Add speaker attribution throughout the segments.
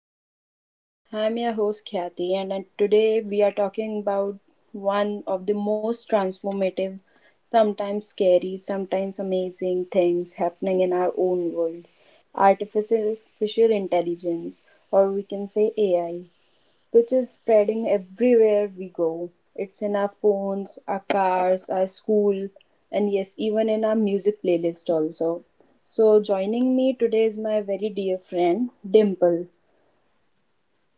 Speaker 1: out there. I'm your host Kathy, and today we are talking about one of the most transformative, sometimes scary, sometimes amazing things happening in our own world artificial intelligence, or we can say AI which is spreading everywhere we go. It's in our phones, our cars, our school, and yes, even in our music playlist also. So joining me today is my very dear friend Dimple.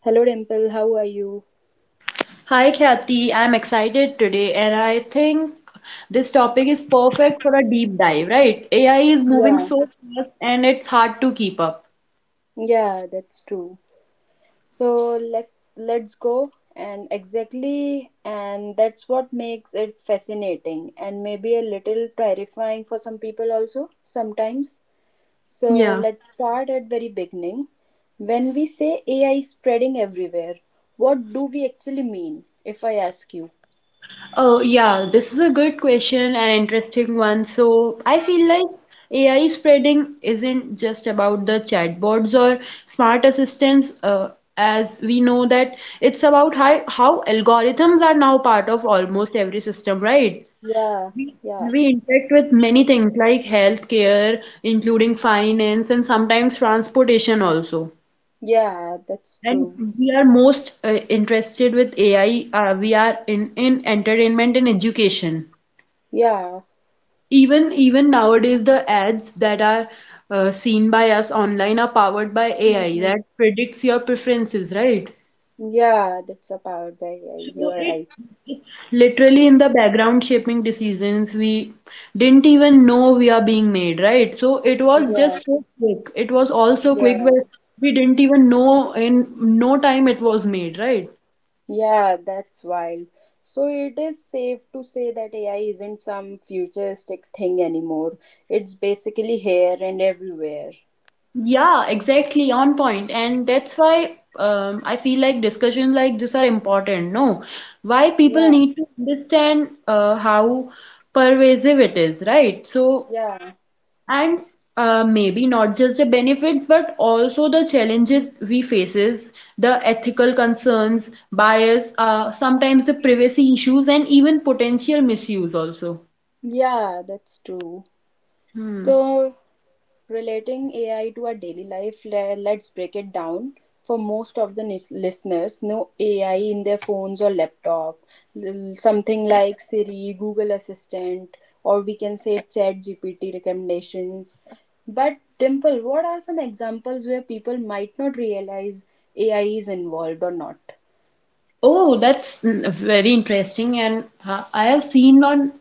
Speaker 1: Hello Dimple, how are you?
Speaker 2: Hi Khyati, I'm excited today and I think this topic is perfect for a deep dive, right? AI is moving
Speaker 1: Yeah.
Speaker 2: so fast and it's hard to keep up.
Speaker 1: Yeah, that's true. So let's go and exactly and that's what makes it fascinating and maybe a little terrifying for some people also sometimes. So
Speaker 2: Yeah.
Speaker 1: let's start at very beginning. When we say AI is spreading everywhere, what do we actually mean? If I ask you.
Speaker 2: Oh, yeah, this is a good question and interesting one. So, I feel like AI spreading isn't just about the chatbots or smart assistants, as we know that it's about how algorithms are now part of almost every system, right?
Speaker 1: Yeah,
Speaker 2: We
Speaker 1: yeah,
Speaker 2: we interact with many things like healthcare, including finance and sometimes transportation also.
Speaker 1: yeah, that's true.
Speaker 2: And we are most interested with AI. We are in entertainment and education.
Speaker 1: Yeah,
Speaker 2: Even nowadays, the ads that are seen by us online are powered by AI
Speaker 1: mhm.
Speaker 2: that predicts your preferences, right?
Speaker 1: Yeah, that's a powered by
Speaker 2: So
Speaker 1: AI. You are
Speaker 2: it
Speaker 1: right.
Speaker 2: it's literally in the background shaping decisions we didn't even know we are being made, right? So it was
Speaker 1: Yeah,
Speaker 2: just so quick. It was also quick
Speaker 1: yeah,
Speaker 2: where we didn't even know in no time it was made, right?
Speaker 1: yeah, that's wild. So it is safe to say that AI isn't some futuristic thing anymore. It's basically here and everywhere.
Speaker 2: Yeah, exactly on point. And that's why I feel like discussions like this are important. No, why people
Speaker 1: Yeah,
Speaker 2: need to understand how pervasive it is, right? So
Speaker 1: yeah,
Speaker 2: and maybe not just the benefits but also the challenges we faces the ethical concerns bias, sometimes the privacy issues and even potential misuse also.
Speaker 1: yeah, that's true. So, relating AI to our daily life, let's break it down. For most of the listeners, no AI in their phones or laptop. Something like Siri, Google Assistant, or we can say Chat GPT recommendations. But, Dimple, what are some examples where people might not realize AI is involved or not?
Speaker 2: Oh, that's very interesting. And I have seen on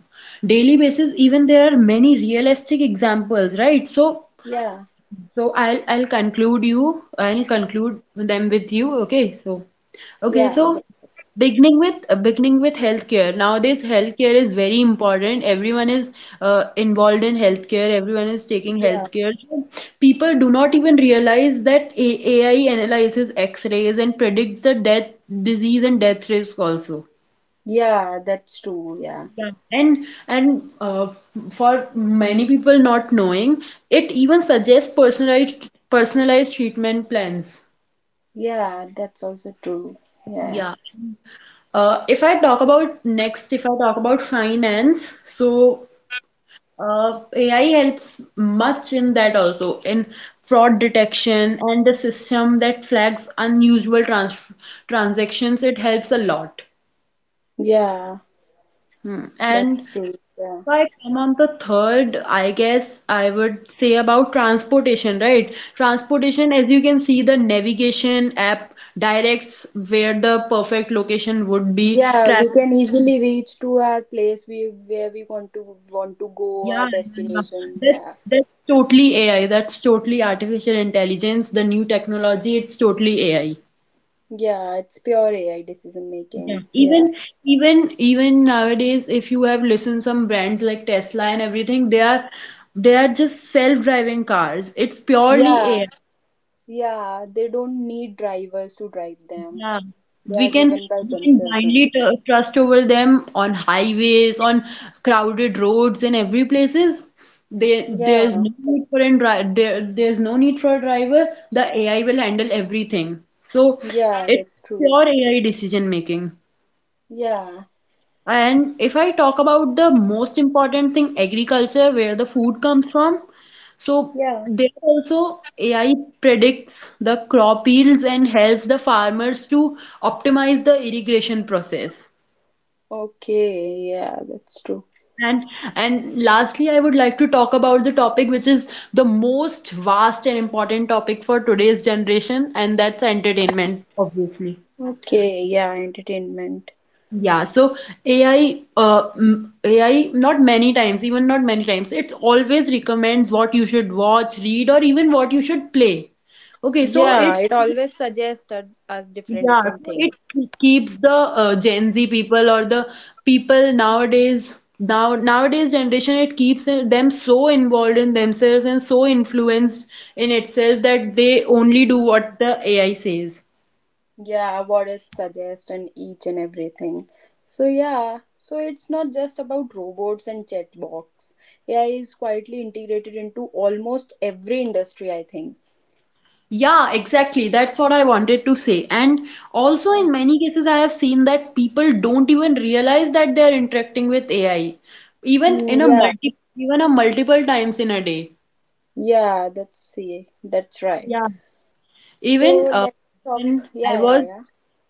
Speaker 2: daily basis, even there are many realistic examples, right? So
Speaker 1: Yeah,
Speaker 2: So I'll conclude you. I'll conclude them with you. Okay. So okay.
Speaker 1: yeah,
Speaker 2: So beginning with healthcare. Nowadays, healthcare is very important. Everyone is involved in healthcare. Everyone is taking
Speaker 1: yeah,
Speaker 2: healthcare. So people do not even realize that AI analyzes X-rays and predicts the death, disease, and death risk also.
Speaker 1: yeah, that's true. Yeah,
Speaker 2: Yeah, and for many people not knowing, it even suggests personalized treatment plans.
Speaker 1: yeah, that's also true. Yeah,
Speaker 2: Yeah. If I talk about next, if I talk about finance, so AI helps much in that also in fraud detection and the system that flags unusual transactions. It helps a lot.
Speaker 1: yeah.
Speaker 2: Hmm. And
Speaker 1: That's
Speaker 2: if
Speaker 1: true. Yeah.
Speaker 2: I come on the third, I guess I would say about transportation, right? Transportation, as you can see, the navigation app directs where the perfect location would be.
Speaker 1: Yeah, we
Speaker 2: Traffic,
Speaker 1: can easily reach to our place we where we want to go,
Speaker 2: yeah,
Speaker 1: our
Speaker 2: yeah, yeah.
Speaker 1: destination.
Speaker 2: that's
Speaker 1: Yeah.
Speaker 2: that's totally AI. That's totally artificial intelligence. The new technology, it's totally AI.
Speaker 1: Yeah, it's pure AI decision
Speaker 2: Yeah,
Speaker 1: making. Yeah.
Speaker 2: even nowadays, if you have listened some brands like Tesla and everything, they are just self-driving cars. It's purely
Speaker 1: Yeah.
Speaker 2: AI.
Speaker 1: Yeah. They don't need drivers to drive them.
Speaker 2: Yeah,
Speaker 1: They
Speaker 2: we
Speaker 1: are
Speaker 2: can
Speaker 1: driven by
Speaker 2: we can
Speaker 1: themselves only.
Speaker 2: blindly tr trust over them on highways, on crowded roads, in every places. There's
Speaker 1: Yeah.
Speaker 2: no need for an dri there's no need for a driver. The AI will handle everything. So
Speaker 1: Yeah,
Speaker 2: it's
Speaker 1: that's true.
Speaker 2: pure AI decision making.
Speaker 1: Yeah.
Speaker 2: And if I talk about the most important thing, agriculture, where the food comes from, so
Speaker 1: Yeah.
Speaker 2: there also AI predicts the crop yields and helps the farmers to optimize the irrigation process.
Speaker 1: Okay, yeah, that's true.
Speaker 2: And and lastly, I would like to talk about the topic which is the most vast and important topic for today's generation, and that's entertainment, obviously.
Speaker 1: Okay, yeah, entertainment.
Speaker 2: Yeah, so AI, not many times, even not many times, it always recommends what you should watch, read, or even what you should play. Okay, so
Speaker 1: Yeah, it always suggests us different
Speaker 2: yeah,
Speaker 1: different
Speaker 2: so it
Speaker 1: things.
Speaker 2: keeps the Gen Z people or the people nowadays, nowadays generation, it keeps them so involved in themselves and so influenced in itself that they only do what the AI says.
Speaker 1: Yeah, what it suggests and each and everything. So yeah, so it's not just about robots and chatbots. AI is quietly integrated into almost every industry, I think.
Speaker 2: Yeah, exactly. That's what I wanted to say. And also,
Speaker 1: Yeah,
Speaker 2: in many cases, I have seen that people don't even realize that they are interacting with AI, even
Speaker 1: mm, yeah,
Speaker 2: even a multiple times in a day.
Speaker 1: yeah, that's see, that's right.
Speaker 2: Yeah. Even
Speaker 1: So let's talk.
Speaker 2: when I
Speaker 1: Yeah, yeah,
Speaker 2: was
Speaker 1: yeah,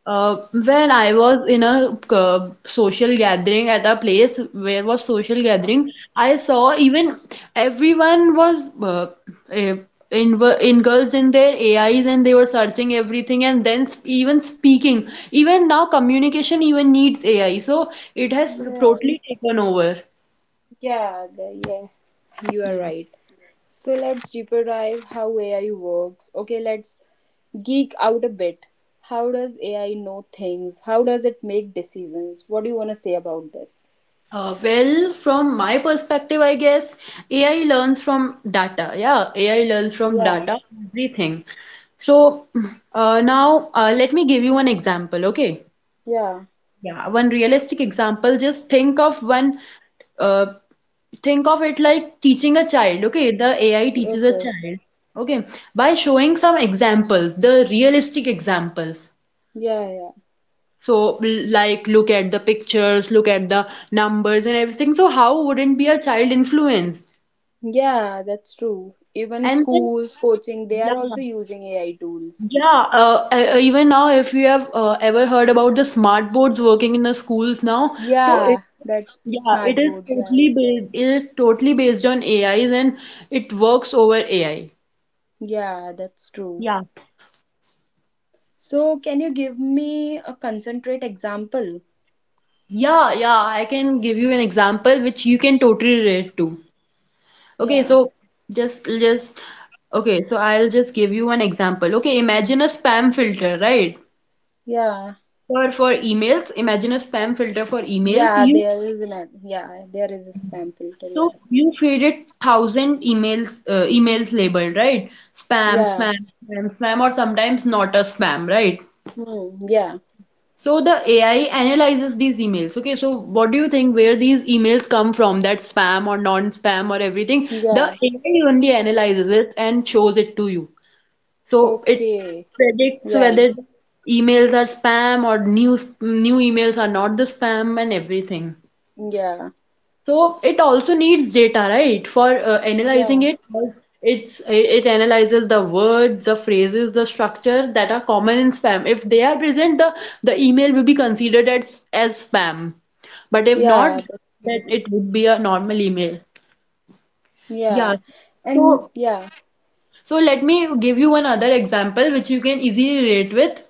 Speaker 2: when I was in a social gathering at a place where was social gathering, I saw even everyone was eh, in engulfed in their AIs and they were searching everything and then even speaking. Even now, communication even needs AI, so it has
Speaker 1: yeah,
Speaker 2: totally taken over.
Speaker 1: yeah. The, yeah, you are
Speaker 2: Yeah.
Speaker 1: right. So let's deeper dive how AI works. Okay, let's geek out a bit. How does AI know things? How does it make decisions? What do you want to say about that?
Speaker 2: Well, from my perspective, I guess AI learns from data. Yeah, AI learns from
Speaker 1: Yeah,
Speaker 2: data, everything. So now let me give you one example, okay?
Speaker 1: yeah,
Speaker 2: Yeah, one realistic example. Just think of uh, think of it like teaching a child, okay? The AI teaches a
Speaker 1: okay.
Speaker 2: child, okay? By showing some examples, the realistic examples.
Speaker 1: Yeah, yeah.
Speaker 2: So, like, look at the pictures, look at the numbers and everything. So, how wouldn't be a child influenced?
Speaker 1: Yeah, that's true. Even
Speaker 2: And then,
Speaker 1: schools, coaching, they
Speaker 2: yeah,
Speaker 1: are also using AI tools.
Speaker 2: yeah. Even now, if you have ever heard about the smart boards working in the schools now, so
Speaker 1: Yeah, that's
Speaker 2: yeah,
Speaker 1: smart boards, yeah.
Speaker 2: it is totally based on AIs and it works over AI.
Speaker 1: Yeah, that's true.
Speaker 2: Yeah.
Speaker 1: So, can you give me a concentrate example?
Speaker 2: Yeah, yeah. I can give you an example which you can totally relate to. Okay,
Speaker 1: Yeah,
Speaker 2: so just just I'll just give you an example. Okay, imagine a spam filter, right?
Speaker 1: yeah,
Speaker 2: For emails, imagine a spam filter for emails.
Speaker 1: yeah.
Speaker 2: You
Speaker 1: There is an ad. Yeah, there is a spam filter.
Speaker 2: so
Speaker 1: Yeah,
Speaker 2: you created thousand emails emails labeled, right? Spam,
Speaker 1: yeah,
Speaker 2: spam, spam, spam, or sometimes not a spam, right?
Speaker 1: hmm, yeah,
Speaker 2: So the AI analyzes these emails. Okay, so what do you think where these emails come from, that spam or non-spam or everything? The
Speaker 1: yeah,
Speaker 2: AI only analyzes it and shows it to you. So it
Speaker 1: okay.
Speaker 2: predicts
Speaker 1: Yeah.
Speaker 2: whether the emails are spam or new emails are not the spam and everything.
Speaker 1: Yeah.
Speaker 2: So it also needs data, right, for analyzing
Speaker 1: Yeah.
Speaker 2: it. Because It's it analyzes the words, the phrases, the structure that are common in spam. If they are present, the email will be considered as spam. But if not,
Speaker 1: Yeah. That's
Speaker 2: then
Speaker 1: true.
Speaker 2: it would be a normal email. Yeah.
Speaker 1: Yeah. And
Speaker 2: So
Speaker 1: yeah.
Speaker 2: so let me give you one other example which you can easily relate with.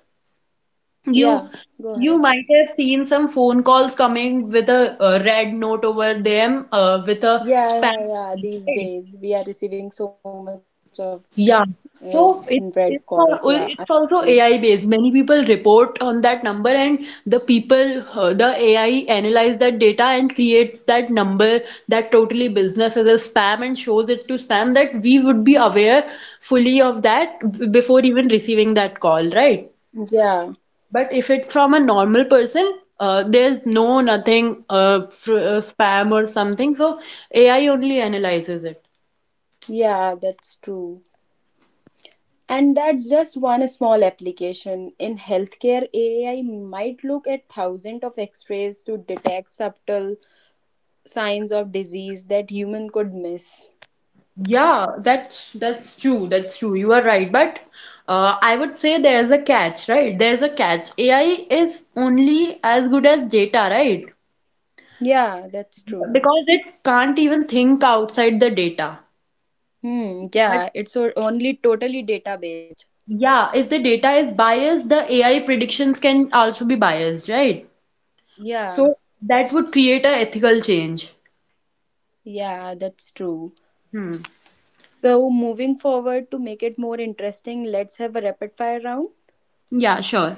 Speaker 2: You
Speaker 1: Yeah. Go
Speaker 2: you
Speaker 1: ahead.
Speaker 2: might have seen some phone calls coming with a red note over them, with a
Speaker 1: Yeah.
Speaker 2: spam,
Speaker 1: Yeah. Yeah. These
Speaker 2: right?
Speaker 1: days we are receiving so much of uh,
Speaker 2: Yeah.
Speaker 1: red calls.
Speaker 2: So
Speaker 1: Yeah. I see.
Speaker 2: it's also AI based. Many people report on that number, and the AI analyze that data and creates that number that totally business as a spam and shows it to spam that we would be aware fully of that before even receiving that call, right?
Speaker 1: Yeah.
Speaker 2: But if it's from a normal person, there's no nothing fr spam or something. So AI only analyzes it.
Speaker 1: Yeah. That's true. And that's just one small application. In healthcare, AI might look at thousands of x-rays to detect subtle signs of disease that human could miss.
Speaker 2: Yeah, that's true. That's true. You are right. But I would say there's a catch, right? There's a catch. AI is only as good as data, right?
Speaker 1: Yeah, that's true.
Speaker 2: Because it can't even think outside the data.
Speaker 1: Hmm,
Speaker 2: But
Speaker 1: yeah, it's only totally data based.
Speaker 2: yeah, if the data is biased, the AI predictions can also be biased, right?
Speaker 1: Yeah,
Speaker 2: So that would create a ethical change.
Speaker 1: yeah, that's true. So, moving forward to make it more interesting, let's have a rapid fire round.
Speaker 2: Yeah, sure.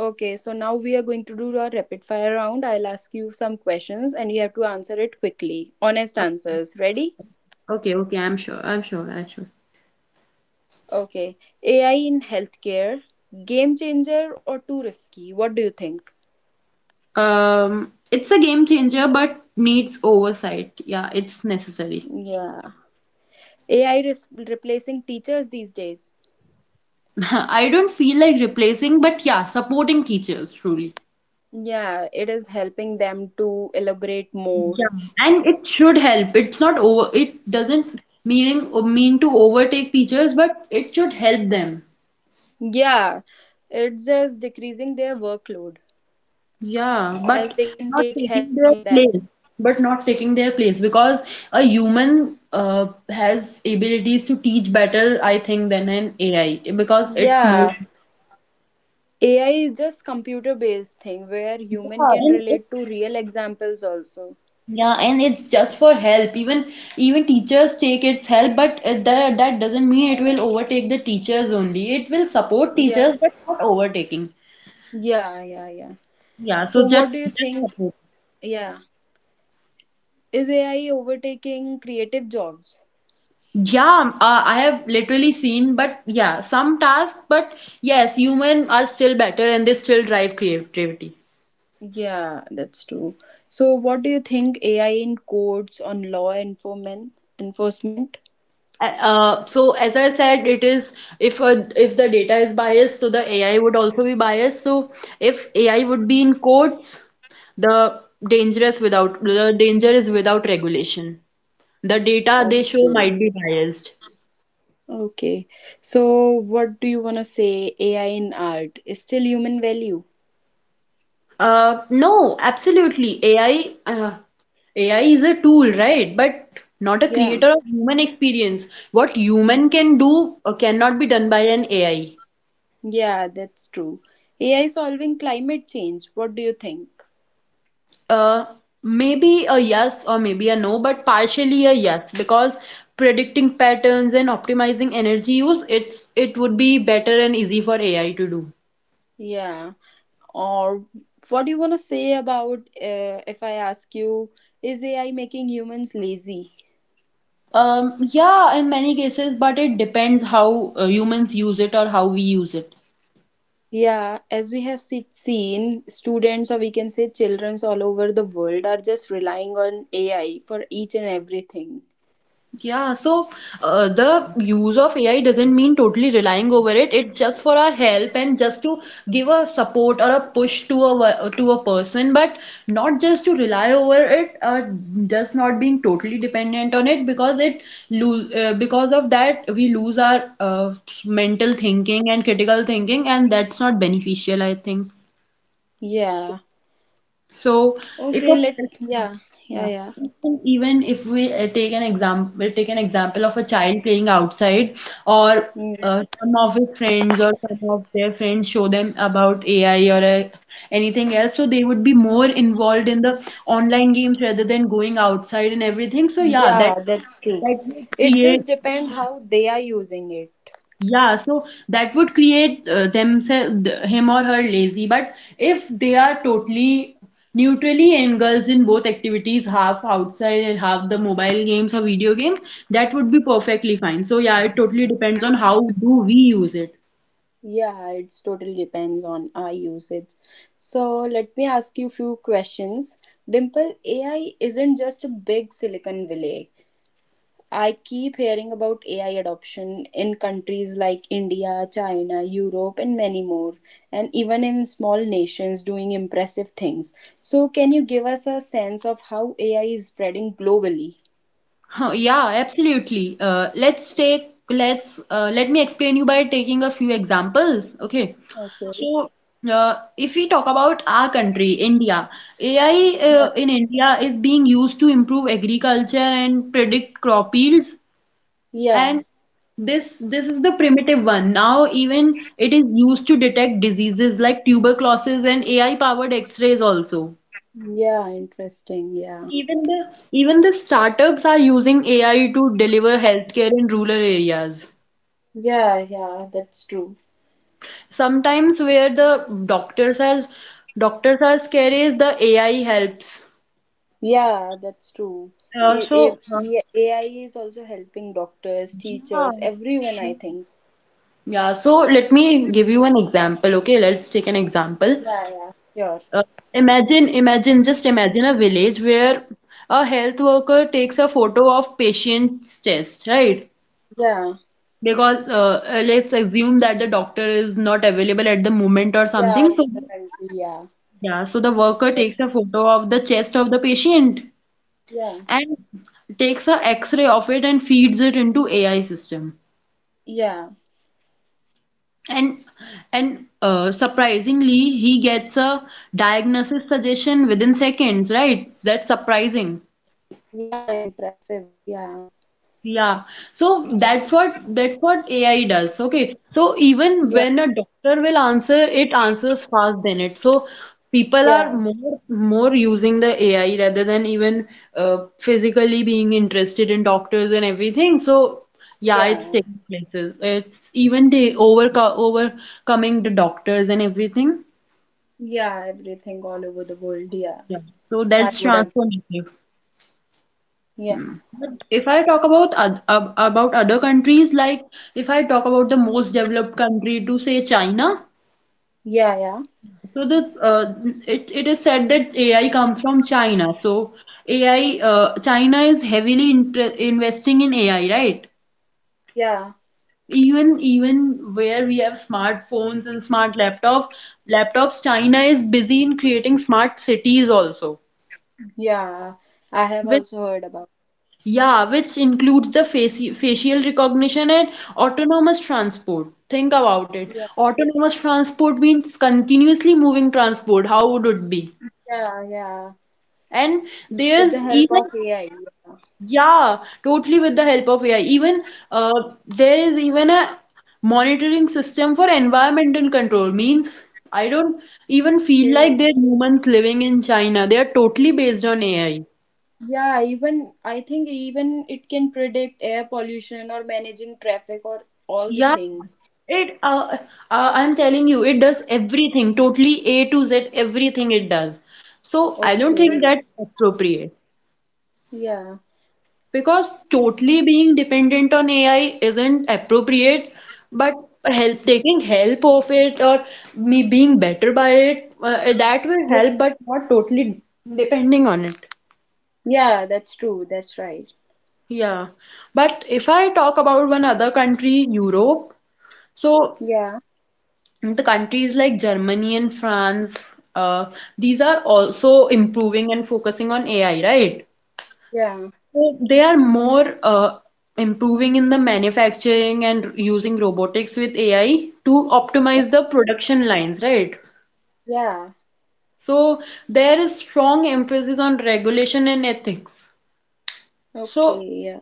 Speaker 1: Okay, so now we are going to do our rapid fire round. I'll ask you some questions and you have to answer it quickly. Honest answers. Ready?
Speaker 2: Okay, okay, I'm sure. I'm sure. I'm sure.
Speaker 1: Okay. AI in healthcare, game changer or too risky? What do you think?
Speaker 2: It's a game changer, but needs oversight. Yeah, it's necessary.
Speaker 1: Yeah. AI replacing teachers these days.
Speaker 2: I don't feel like replacing, but yeah, supporting teachers truly.
Speaker 1: Yeah, it is helping them to elaborate more.
Speaker 2: And it should help. It's not over, it doesn't mean to overtake teachers, but it should help them.
Speaker 1: Yeah, it's just decreasing their workload
Speaker 2: Yeah,
Speaker 1: as
Speaker 2: but
Speaker 1: they can
Speaker 2: not
Speaker 1: take help
Speaker 2: taking their
Speaker 1: from that.
Speaker 2: place, because a human has abilities to teach better, I think, than an AI because it's more.
Speaker 1: Yeah, AI is just computer based thing where human
Speaker 2: Yeah,
Speaker 1: can
Speaker 2: and
Speaker 1: relate
Speaker 2: it's
Speaker 1: to real examples also.
Speaker 2: yeah, and it's just for help. Even teachers take its help, but that that doesn't mean it will overtake the teachers only. It will support
Speaker 1: Yeah,
Speaker 2: teachers, but not overtaking.
Speaker 1: yeah, yeah, yeah.
Speaker 2: Yeah, so
Speaker 1: So what do you
Speaker 2: just
Speaker 1: think?
Speaker 2: support.
Speaker 1: Yeah, is AI overtaking creative jobs?
Speaker 2: Yeah, I have literally seen, but yeah, some tasks, but yes, human are still better and they still drive creativity.
Speaker 1: Yeah, that's true. So what do you think AI in courts on law enforcement?
Speaker 2: So as I said, it is if the data is biased, so the AI would also be biased. So if AI would be in quotes, the dangerous without the danger is without regulation. The data they show
Speaker 1: Okay.
Speaker 2: might be biased.
Speaker 1: Okay. So, what do you want to say? AI in art is still human value.
Speaker 2: No, absolutely. AI is a tool, right? But not a
Speaker 1: Yeah.
Speaker 2: creator of human experience. What human can do cannot be done by an AI.
Speaker 1: Yeah, that's true. AI solving climate change. What do you think?
Speaker 2: Uh, maybe a yes or maybe a no, but partially a yes because predicting patterns and optimizing energy use, it would be better and easy for AI to do.
Speaker 1: Yeah. Or what do you want to say about if I ask you, is AI making humans lazy?
Speaker 2: Yeah, in many cases, but it depends how humans use it or how we use it.
Speaker 1: Yeah, as we have seen, students or we can say children all over the world are just relying on AI for each and everything.
Speaker 2: Yeah, so the use of AI doesn't mean totally relying over it. It's just for our help and just to give a support or a push to to a person, but not just to rely over it. Just not being totally dependent on it because it lose because of that we lose our mental thinking and critical thinking, and that's not beneficial, I think.
Speaker 1: Yeah.
Speaker 2: So if
Speaker 1: Okay,
Speaker 2: a
Speaker 1: let yeah. Yeah,
Speaker 2: yeah.
Speaker 1: yeah.
Speaker 2: Even if we take an example of a child playing outside, or
Speaker 1: Mm.
Speaker 2: uh, some of his friends or some of their friends show them about AI or anything else, so they would be more involved in the online games rather than going outside and everything. So yeah, that
Speaker 1: Yeah, that's true.
Speaker 2: that would
Speaker 1: It
Speaker 2: create
Speaker 1: just depends how they are using it.
Speaker 2: yeah, so that would create themselves him or her lazy. But if they are totally neutrally engulfed in both activities, half outside and half the mobile games or video games, that would be perfectly fine. So yeah, it totally depends on how do we use it.
Speaker 1: Yeah, it's totally depends on our usage. So let me ask you few questions. Dimple, AI isn't just a big Silicon Valley. I keep hearing about AI adoption in countries like India, China, Europe, and many more, and even in small nations doing impressive things. So, can you give us a sense of how AI is spreading globally?
Speaker 2: Huh, yeah, absolutely. Let's take let's let me explain you by taking a few examples. Okay.
Speaker 1: Okay.
Speaker 2: So, if we talk about our country, India, AI in India is being used to improve agriculture and predict crop yields.
Speaker 1: Yeah.
Speaker 2: And this is the primitive one. Now even it is used to detect diseases like tuberculosis and AI powered X-rays also.
Speaker 1: Yeah, interesting. Yeah.
Speaker 2: Even the startups are using AI to deliver healthcare in rural areas.
Speaker 1: Yeah, yeah, that's true.
Speaker 2: Sometimes where the doctors are scared is the AI helps.
Speaker 1: Yeah, that's true.
Speaker 2: Uh, so
Speaker 1: If
Speaker 2: uh,
Speaker 1: yeah, AI is also helping doctors,
Speaker 2: yeah.
Speaker 1: teachers, everyone,
Speaker 2: Yeah,
Speaker 1: I think.
Speaker 2: Yeah, so let me give you an example. Okay, let's take an example.
Speaker 1: Yeah, yeah, sure.
Speaker 2: Uh, just imagine a village where a health worker takes a photo of patient's chest, right?
Speaker 1: Yeah,
Speaker 2: Because let's assume that the doctor is not available at the moment or
Speaker 1: yeah,
Speaker 2: something.
Speaker 1: over
Speaker 2: So,
Speaker 1: the country. Yeah,
Speaker 2: yeah, so the
Speaker 1: over
Speaker 2: worker
Speaker 1: the-
Speaker 2: takes a photo of the chest of the patient
Speaker 1: yeah,
Speaker 2: and takes a X-ray of it and feeds it into AI system.
Speaker 1: yeah.
Speaker 2: And and surprisingly, he gets a diagnosis suggestion within seconds, right? That's surprising.
Speaker 1: Okay. Yeah, impressive. Yeah,
Speaker 2: Yeah, so that's what AI does. Okay, so even
Speaker 1: yeah,
Speaker 2: when a doctor will answer, it answers fast than it. So people are
Speaker 1: yeah,
Speaker 2: more using the AI rather than even physically being interested in doctors and everything. So yeah, it's
Speaker 1: yeah,
Speaker 2: taking places. It's even the overcoming the doctors and everything.
Speaker 1: yeah, everything all over the world. Yeah,
Speaker 2: Yeah, so
Speaker 1: I
Speaker 2: that's
Speaker 1: would agree.
Speaker 2: transformative.
Speaker 1: Yeah,
Speaker 2: If I talk about about other countries, like if I talk about the most developed country to say China,
Speaker 1: yeah, yeah,
Speaker 2: so the it it is said that AI comes from China. So AI, China is heavily investing in AI, right?
Speaker 1: yeah,
Speaker 2: Even where we have smartphones and smart laptops, China is busy in creating smart cities also.
Speaker 1: yeah. I have
Speaker 2: With
Speaker 1: also heard about.
Speaker 2: Yeah, which includes the facial recognition and autonomous transport. Think about it. Autonomous transport means continuously moving transport. How would it be?
Speaker 1: Yeah, yeah.
Speaker 2: And
Speaker 1: With the
Speaker 2: there's
Speaker 1: help of
Speaker 2: even,
Speaker 1: AI. Yeah.
Speaker 2: yeah, totally with the help of AI. Even there is even a monitoring system for environmental control. Means I don't even feel
Speaker 1: Okay.
Speaker 2: like they're humans living in China. They are totally based on AI.
Speaker 1: Yeah, even I think even it can predict air pollution or managing traffic or all the
Speaker 2: Yeah,
Speaker 1: things.
Speaker 2: it I'm telling you, it does everything, totally A to Z, everything it does. So I don't think
Speaker 1: Okay.
Speaker 2: that's appropriate
Speaker 1: Yeah.
Speaker 2: because totally being dependent on AI isn't appropriate, but help taking help of it or me being better by it, that will
Speaker 1: Yeah.
Speaker 2: help, but not totally depending on it.
Speaker 1: Yeah, that's true. That's right.
Speaker 2: Yeah. But if I talk about one other country, Europe, so
Speaker 1: Yeah.
Speaker 2: the countries like Germany and France, these are also improving and focusing on AI, right?
Speaker 1: Yeah.
Speaker 2: So they are more improving in the manufacturing and using robotics with AI to optimize the production lines, right?
Speaker 1: Yeah.
Speaker 2: So there is strong emphasis on regulation and ethics.
Speaker 1: Okay.
Speaker 2: So,
Speaker 1: Yeah.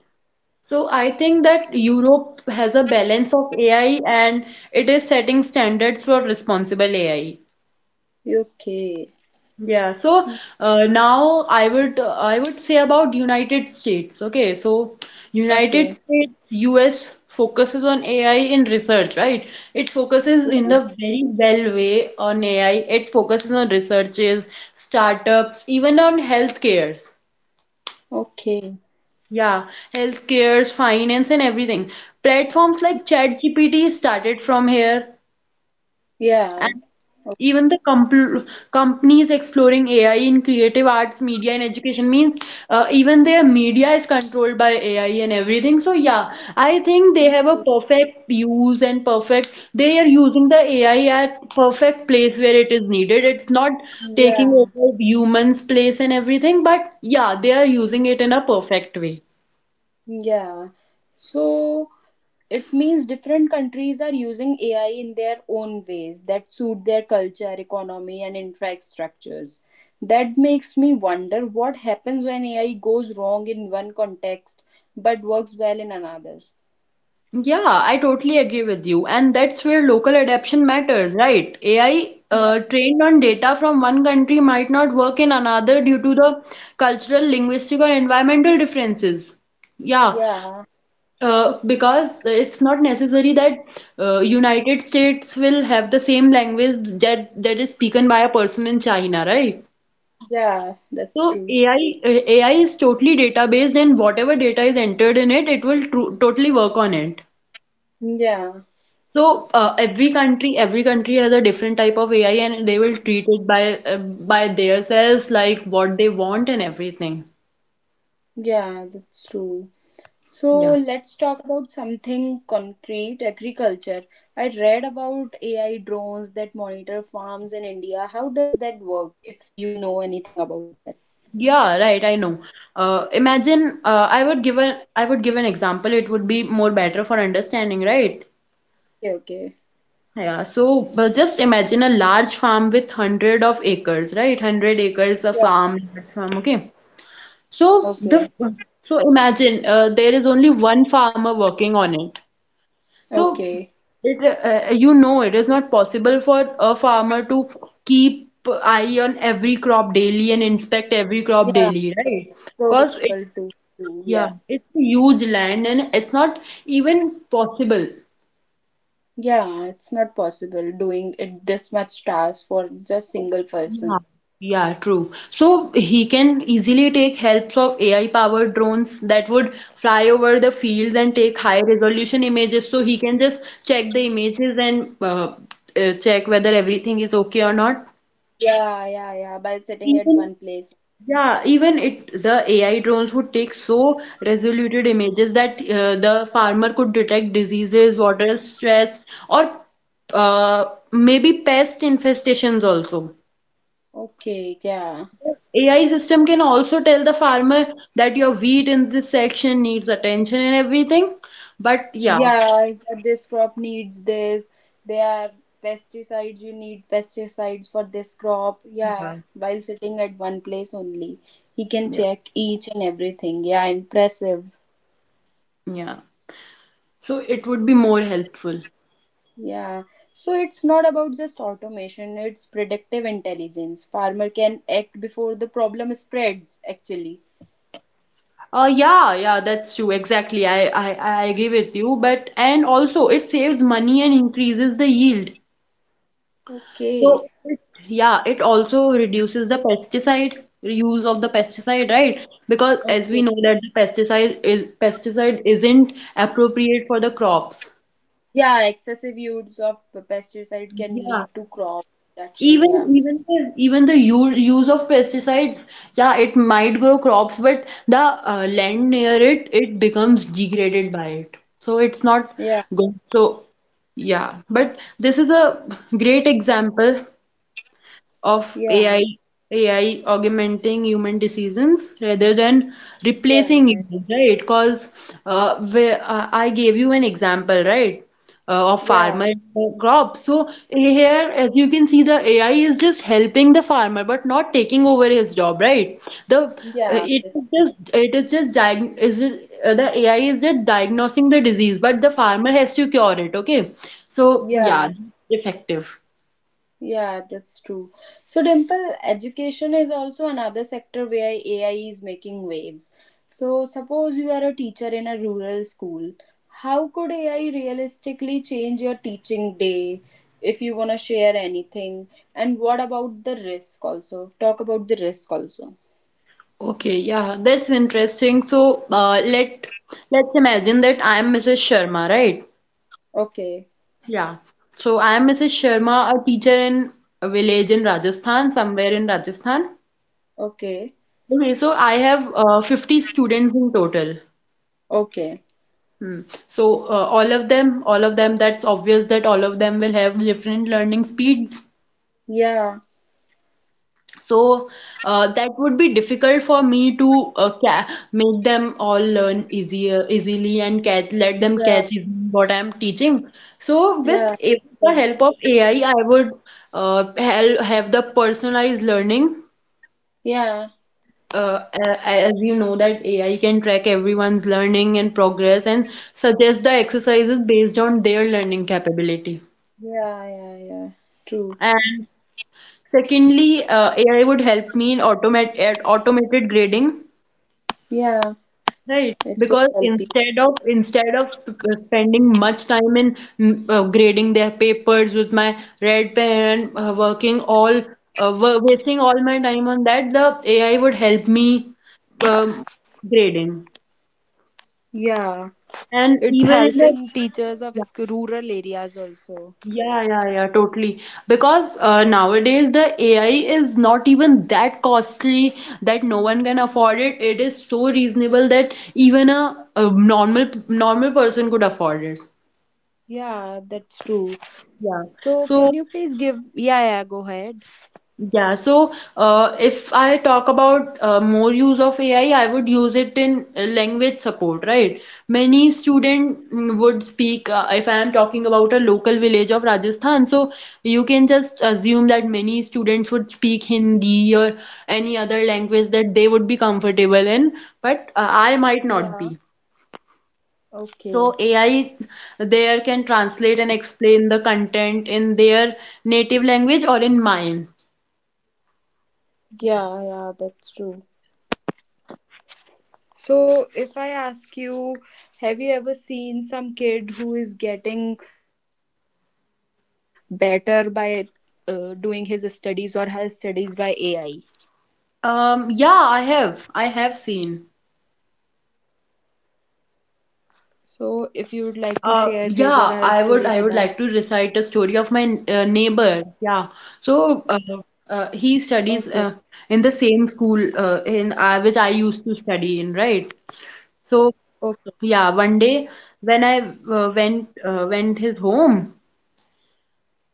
Speaker 2: so I think that Europe has a balance of AI and it is setting standards for responsible AI.
Speaker 1: Okay.
Speaker 2: Yeah, so now I would say about United States. Okay, so United
Speaker 1: Okay.
Speaker 2: States US focuses on AI in research, right? It focuses
Speaker 1: Yeah.
Speaker 2: in the very well way on AI. It focuses on researches, startups, even on healthcares.
Speaker 1: Okay.
Speaker 2: Yeah, healthcares, finance, and everything. Platforms like ChatGPT started from here.
Speaker 1: Yeah. Okay.
Speaker 2: Even the compl companies exploring AI in creative arts, media, and education means even their media is controlled by AI and everything. So yeah, I think they have a perfect use and perfect. They are using the AI at perfect place where it is needed. It's not taking
Speaker 1: Yeah.
Speaker 2: over humans' place and everything, but yeah, they are using it in a perfect way.
Speaker 1: Yeah. So it means different countries are using AI in their own ways that suit their culture, economy, and infra structures. That makes me wonder what happens when AI goes wrong in one context but works well in another.
Speaker 2: Yeah, I totally agree with you. And that's where local adaptation matters, right? AI
Speaker 1: Yeah,
Speaker 2: trained on data from one country might not work in another due to the cultural, linguistic, or environmental differences. Yeah,
Speaker 1: yeah,
Speaker 2: because it's not necessary that United States will have the same language that is spoken by a person in China, right?
Speaker 1: yeah, that's
Speaker 2: So
Speaker 1: true.
Speaker 2: AI, AI is totally data based, and whatever data is entered in it, it will totally work on it.
Speaker 1: Yeah,
Speaker 2: So every country has a different type of AI, and they will treat it by themselves, like what they want and everything.
Speaker 1: yeah, that's true. So
Speaker 2: Yeah.
Speaker 1: let's talk about something concrete agriculture. I read about AI drones that monitor farms in India. How does that work if you know anything about that?
Speaker 2: Yeah, right, I know. Imagine I would give an example. It would be more better for understanding, right?
Speaker 1: Okay, okay.
Speaker 2: Yeah, so but just imagine a large farm with hundred of acres, right? Hundred acres of
Speaker 1: Yeah.
Speaker 2: farm, large farm, okay. So the
Speaker 1: Okay.
Speaker 2: so imagine there is only one farmer working on it. So
Speaker 1: Okay.
Speaker 2: you know, it is not possible for a farmer to keep eye on every crop daily and inspect every crop
Speaker 1: Yeah.
Speaker 2: daily,
Speaker 1: It's
Speaker 2: right?
Speaker 1: so
Speaker 2: Because
Speaker 1: difficult
Speaker 2: it's
Speaker 1: to do.
Speaker 2: Yeah,
Speaker 1: Yeah.
Speaker 2: it's a huge land and it's not even possible.
Speaker 1: Yeah, it's not possible doing it this much task for just single person.
Speaker 2: Yeah, yeah, true. So he can easily take helps of AI-powered drones that would fly over the fields and take high-resolution images. So he can just check the images and check whether everything is okay or not.
Speaker 1: Yeah, yeah, yeah. By sitting at
Speaker 2: Even
Speaker 1: one place.
Speaker 2: Yeah, even it the AI drones would take so resoluted images that the farmer could detect diseases, water stress, or maybe pest infestations also.
Speaker 1: Okay, yeah.
Speaker 2: AI system can also tell the farmer that your wheat in this section needs attention and everything. But yeah,
Speaker 1: Yeah, yeah, this crop needs this. There are pesticides, you need pesticides for this crop. Yeah, while sitting at one place only, he can
Speaker 2: yeah,
Speaker 1: check each and everything. Yeah, impressive.
Speaker 2: yeah. So it would be more helpful.
Speaker 1: Yeah. So it's not about just automation, it's predictive intelligence. Farmer can act before the problem spreads, actually.
Speaker 2: Yeah, yeah, that's true. Exactly. I agree with you. But, and also it saves money and increases the yield.
Speaker 1: Okay.
Speaker 2: So it- yeah, it also reduces the pesticide use of the pesticide, right? Because as
Speaker 1: Okay.
Speaker 2: we know that the pesticide isn't appropriate for the crops.
Speaker 1: Yeah, excessive use of pesticide can
Speaker 2: Yeah.
Speaker 1: lead to crop destruction.
Speaker 2: Even
Speaker 1: Yeah.
Speaker 2: even the even the use use of pesticides, yeah, it might grow crops, but the land near it becomes degraded by it. So it's not
Speaker 1: Yeah.
Speaker 2: good. So yeah, but this is a great example of
Speaker 1: Yeah.
Speaker 2: AI, AI augmenting human decisions rather than
Speaker 1: Yeah.
Speaker 2: replacing
Speaker 1: Yeah.
Speaker 2: humans, right? Because I gave you an example, right, of
Speaker 1: Yeah.
Speaker 2: farmer and crop. So here, as you can see, the AI is just helping the farmer, but not taking over his job, right? The
Speaker 1: Yeah,
Speaker 2: it
Speaker 1: that's
Speaker 2: is
Speaker 1: true.
Speaker 2: just It is just the AI is just diagnosing the disease, but the farmer has to cure it. Okay, so yeah,
Speaker 1: Yeah,
Speaker 2: effective.
Speaker 1: yeah, that's true. So, Dimple, education is also another sector where AI is making waves. So, suppose you are a teacher in a rural school, how could AI realistically change your teaching day if you want to share anything? And what about the risk also? Talk about the risk also.
Speaker 2: Okay, yeah, that's interesting. So, let's imagine that I am Mrs. Sharma, right?
Speaker 1: Okay,
Speaker 2: Yeah. So I am Mrs. Sharma, a teacher in a village in Rajasthan, somewhere in Rajasthan.
Speaker 1: okay,
Speaker 2: Okay, so I have 50 students in total.
Speaker 1: okay.
Speaker 2: So all of them, that's obvious that all of them will have different learning speeds.
Speaker 1: Yeah,
Speaker 2: So that would be difficult for me to make them all learn easier easily and catch, let them
Speaker 1: yeah,
Speaker 2: catch even what I'm teaching. So with
Speaker 1: yeah,
Speaker 2: the
Speaker 1: true.
Speaker 2: help of AI, I would have the personalized learning.
Speaker 1: Yeah,
Speaker 2: As you know that AI can track everyone's learning and progress and suggest the exercises based on their learning capability.
Speaker 1: yeah, yeah, yeah, true.
Speaker 2: And secondly, AI would help me in automated grading.
Speaker 1: Yeah.
Speaker 2: Right,
Speaker 1: It could
Speaker 2: because
Speaker 1: help you.
Speaker 2: spending much time in grading their papers with my red pen and wasting all my time on that, the AI would help me um, grading.
Speaker 1: Yeah,
Speaker 2: And
Speaker 1: it's
Speaker 2: even in the
Speaker 1: helping teachers of rural areas also.
Speaker 2: Yeah, yeah, yeah, yeah, totally. Because nowadays the AI is not even that costly that no one can afford it. It is so reasonable that even a normal person could afford it.
Speaker 1: Yeah, that's true.
Speaker 2: Yeah.
Speaker 1: So, can
Speaker 2: So,
Speaker 1: you please give? Yeah, yeah, go ahead.
Speaker 2: yeah. So, if I talk about more use of AI, I would use it in language support, right? Many would speak, if I am talking about a local village of Rajasthan, so you can just assume that many students would speak Hindi or any other language that they would be comfortable in, but I might
Speaker 1: Yeah,
Speaker 2: not be.
Speaker 1: okay.
Speaker 2: So AI there can translate and explain the content in their native language or in mine.
Speaker 1: Yeah, yeah, that's true. So, if I ask you, have you ever seen some kid who is getting better by doing his studies or her studies by AI?
Speaker 2: Yeah, I have. I have seen.
Speaker 1: So, if you would like to share his or her story with us.
Speaker 2: Yeah, I would like to recite a story of my neighbor. Yeah. So,
Speaker 1: Okay.
Speaker 2: he studies in the same school in which I used to study in, right?
Speaker 1: Okay.
Speaker 2: So, yeah, one day when I went his home.
Speaker 1: Yeah.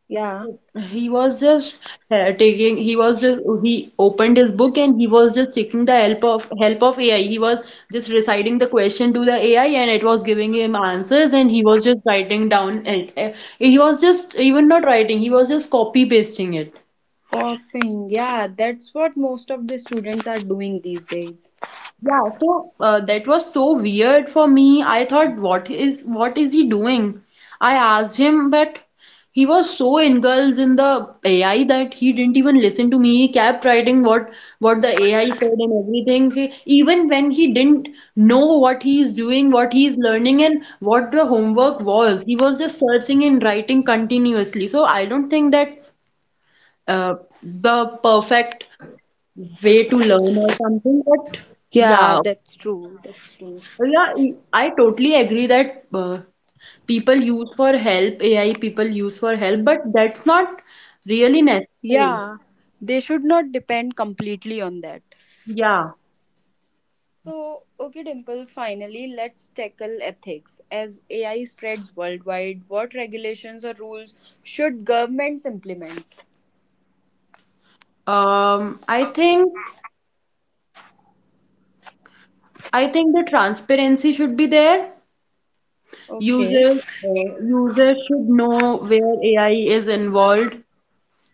Speaker 2: He was just he opened his book and he was just seeking the help of AI. He was just reciting the question to the AI and it was giving him answers and he was just writing down it. He was just even not writing, he was just copy pasting it.
Speaker 1: Coughing. Yeah, that's what most of the students are doing these days.
Speaker 2: Yeah, so that was so weird for me. I thought, what is he doing? I asked him, but he was so engulfed in the AI that he didn't even listen to me. He kept writing what the AI said and everything. Even when he didn't know what he is doing, what he is learning, and what the homework was, he was just searching and writing continuously. So I don't think that's uh, the perfect way to learn or something, but.
Speaker 1: Yeah,
Speaker 2: Yeah,
Speaker 1: that's true. That's true.
Speaker 2: Oh, Yeah, I totally agree that people use for help, AI people use for help, but that's not really necessary.
Speaker 1: Yeah, they should not depend completely on that.
Speaker 2: Yeah.
Speaker 1: So, okay, Dimple, finally, let's tackle ethics. As AI spreads worldwide, what regulations or rules should governments implement?
Speaker 2: Um, I think I think the transparency should be there.
Speaker 1: Okay.
Speaker 2: Users should know where AI is involved,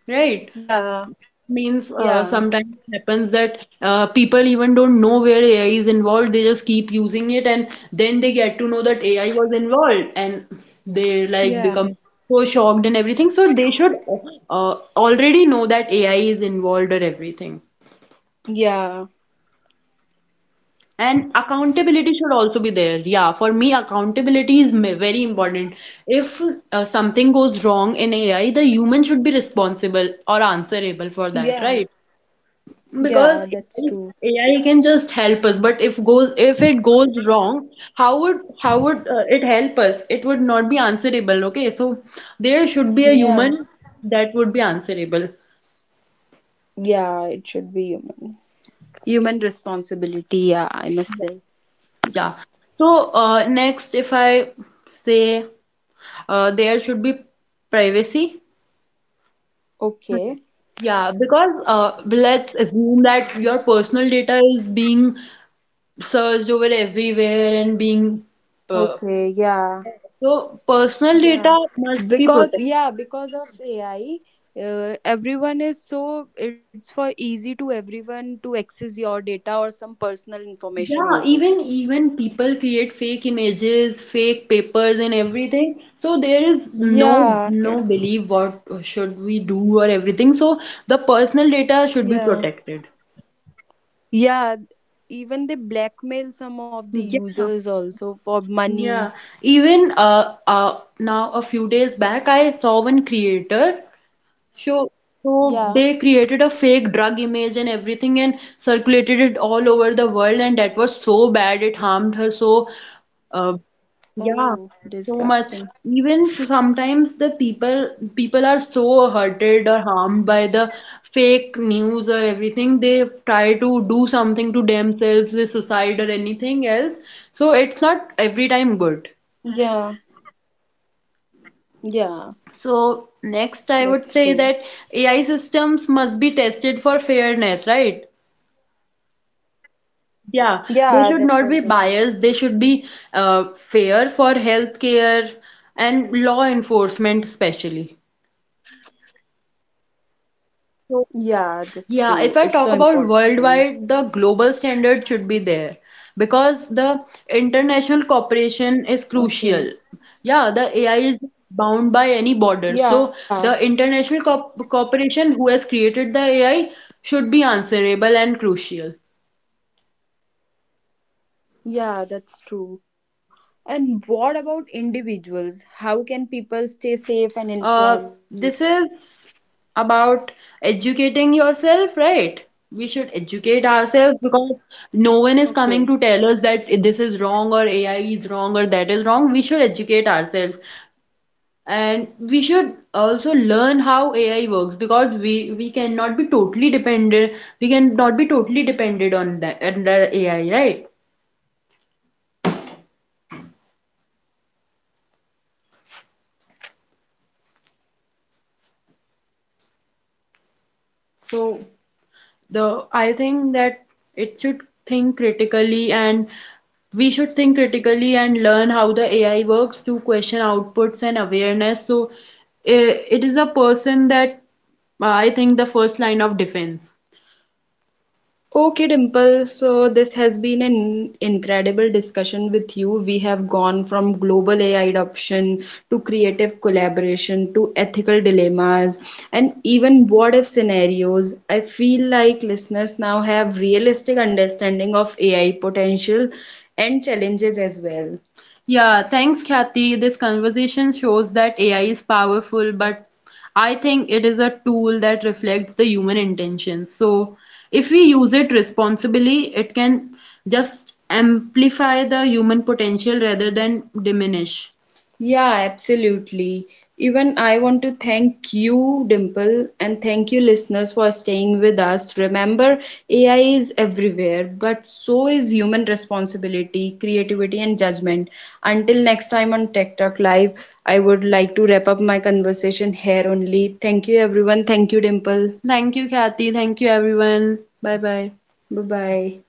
Speaker 2: right?
Speaker 1: Yeah,
Speaker 2: Means
Speaker 1: yeah,
Speaker 2: sometimes it happens that people even don't know where AI is involved. They just keep using it, and then they get to know that AI was involved, and they like
Speaker 1: yeah,
Speaker 2: become so shocked and everything. So they should already know that AI is involved or everything.
Speaker 1: yeah,
Speaker 2: And accountability should also be there. Yeah, for me, accountability is very important. If something goes wrong in AI, the human should be responsible or answerable for that,
Speaker 1: yeah,
Speaker 2: right? Because
Speaker 1: yeah, that's true.
Speaker 2: AI can just help us, but if it goes wrong, how would it help us? It would not be answerable. Okay, so there should be a
Speaker 1: Yeah,
Speaker 2: human that would be answerable.
Speaker 1: yeah, it should be human. Human responsibility, yeah, I must say.
Speaker 2: Yeah. So next, if I say there should be privacy.
Speaker 1: Okay.
Speaker 2: Yeah, because let's assume that your personal data is being searched over everywhere and being uh,
Speaker 1: Okay, yeah.
Speaker 2: so personal data
Speaker 1: Yeah.
Speaker 2: must be
Speaker 1: Because
Speaker 2: protected.
Speaker 1: yeah, because of AI, everyone is so it's for easy to everyone to access your data or some personal information
Speaker 2: Yeah,
Speaker 1: also.
Speaker 2: even even people create fake images, fake papers and everything. So there is
Speaker 1: Yeah,
Speaker 2: no
Speaker 1: it,
Speaker 2: no belief what should we do or everything. So the personal data should be
Speaker 1: yeah.
Speaker 2: protected.
Speaker 1: Yeah, even they blackmail some of the users
Speaker 2: Yeah,
Speaker 1: also for money.
Speaker 2: yeah. Even now a few days back, I saw one creator. So,
Speaker 1: Yeah.
Speaker 2: so they created a fake drug image and everything and circulated it all over the world, and that was so bad. It harmed her uh,
Speaker 1: Oh,
Speaker 2: yeah, so
Speaker 1: disgusting.
Speaker 2: much. Even so sometimes the people are so hurted or harmed by the fake news or everything. They try to do something to themselves, with suicide or anything else. So it's not
Speaker 1: Yeah.
Speaker 2: every time good.
Speaker 1: Yeah, that's true.
Speaker 2: So next, I would say that AI systems must be tested for fairness, right?
Speaker 1: Yeah, that's also true.
Speaker 2: Yeah, they should not be biased. They should be fair for healthcare and law enforcement, especially.
Speaker 1: Yeah, that's true. It's so important.
Speaker 2: Yeah, if I talk about worldwide, the global standard should be there because the
Speaker 1: Okay.
Speaker 2: international cooperation is crucial. Yeah, the AI is
Speaker 1: Yeah,
Speaker 2: bound by any border. So the international co cooperation who has created the AI should be answerable and crucial.
Speaker 1: yeah, that's true. And what about individuals? How can people stay safe and informed?
Speaker 2: Uh, this is about educating yourself, right? We should educate ourselves
Speaker 1: Okay.
Speaker 2: because no one is coming to tell us that this is wrong or AI is wrong or that is wrong. We should educate ourselves. And we should also learn how AI works because we cannot be totally dependent. We cannot be totally dependent on that, on the AI, right? So the I think that it should think critically and think critically and learn how the AI works to question outputs and awareness. So I it is a person that I think the first line of defense. Okay, Dimple. So, this has been an incredible discussion with you. We have gone from global AI adoption to creative collaboration to ethical dilemmas and even what if scenarios. I feel like listeners now have realistic understanding of AI potential and challenges as well. Yeah, thanks, Kathy. This conversation shows that AI is powerful, but I think it is a tool that reflects the human intentions. So, if we use it responsibly, it can just amplify the human potential rather than diminish. Yeah, absolutely. Even I want to thank you, Dimple, and thank you, listeners, for staying with us. Remember, AI is everywhere, but so is human responsibility, creativity, and judgment. Until next time on Tech Talk Live, I would like to wrap up my conversation here only. Thank you, everyone. Thank you, Dimple. Thank you, Kathy. Thank you, everyone. Bye bye. Bye bye.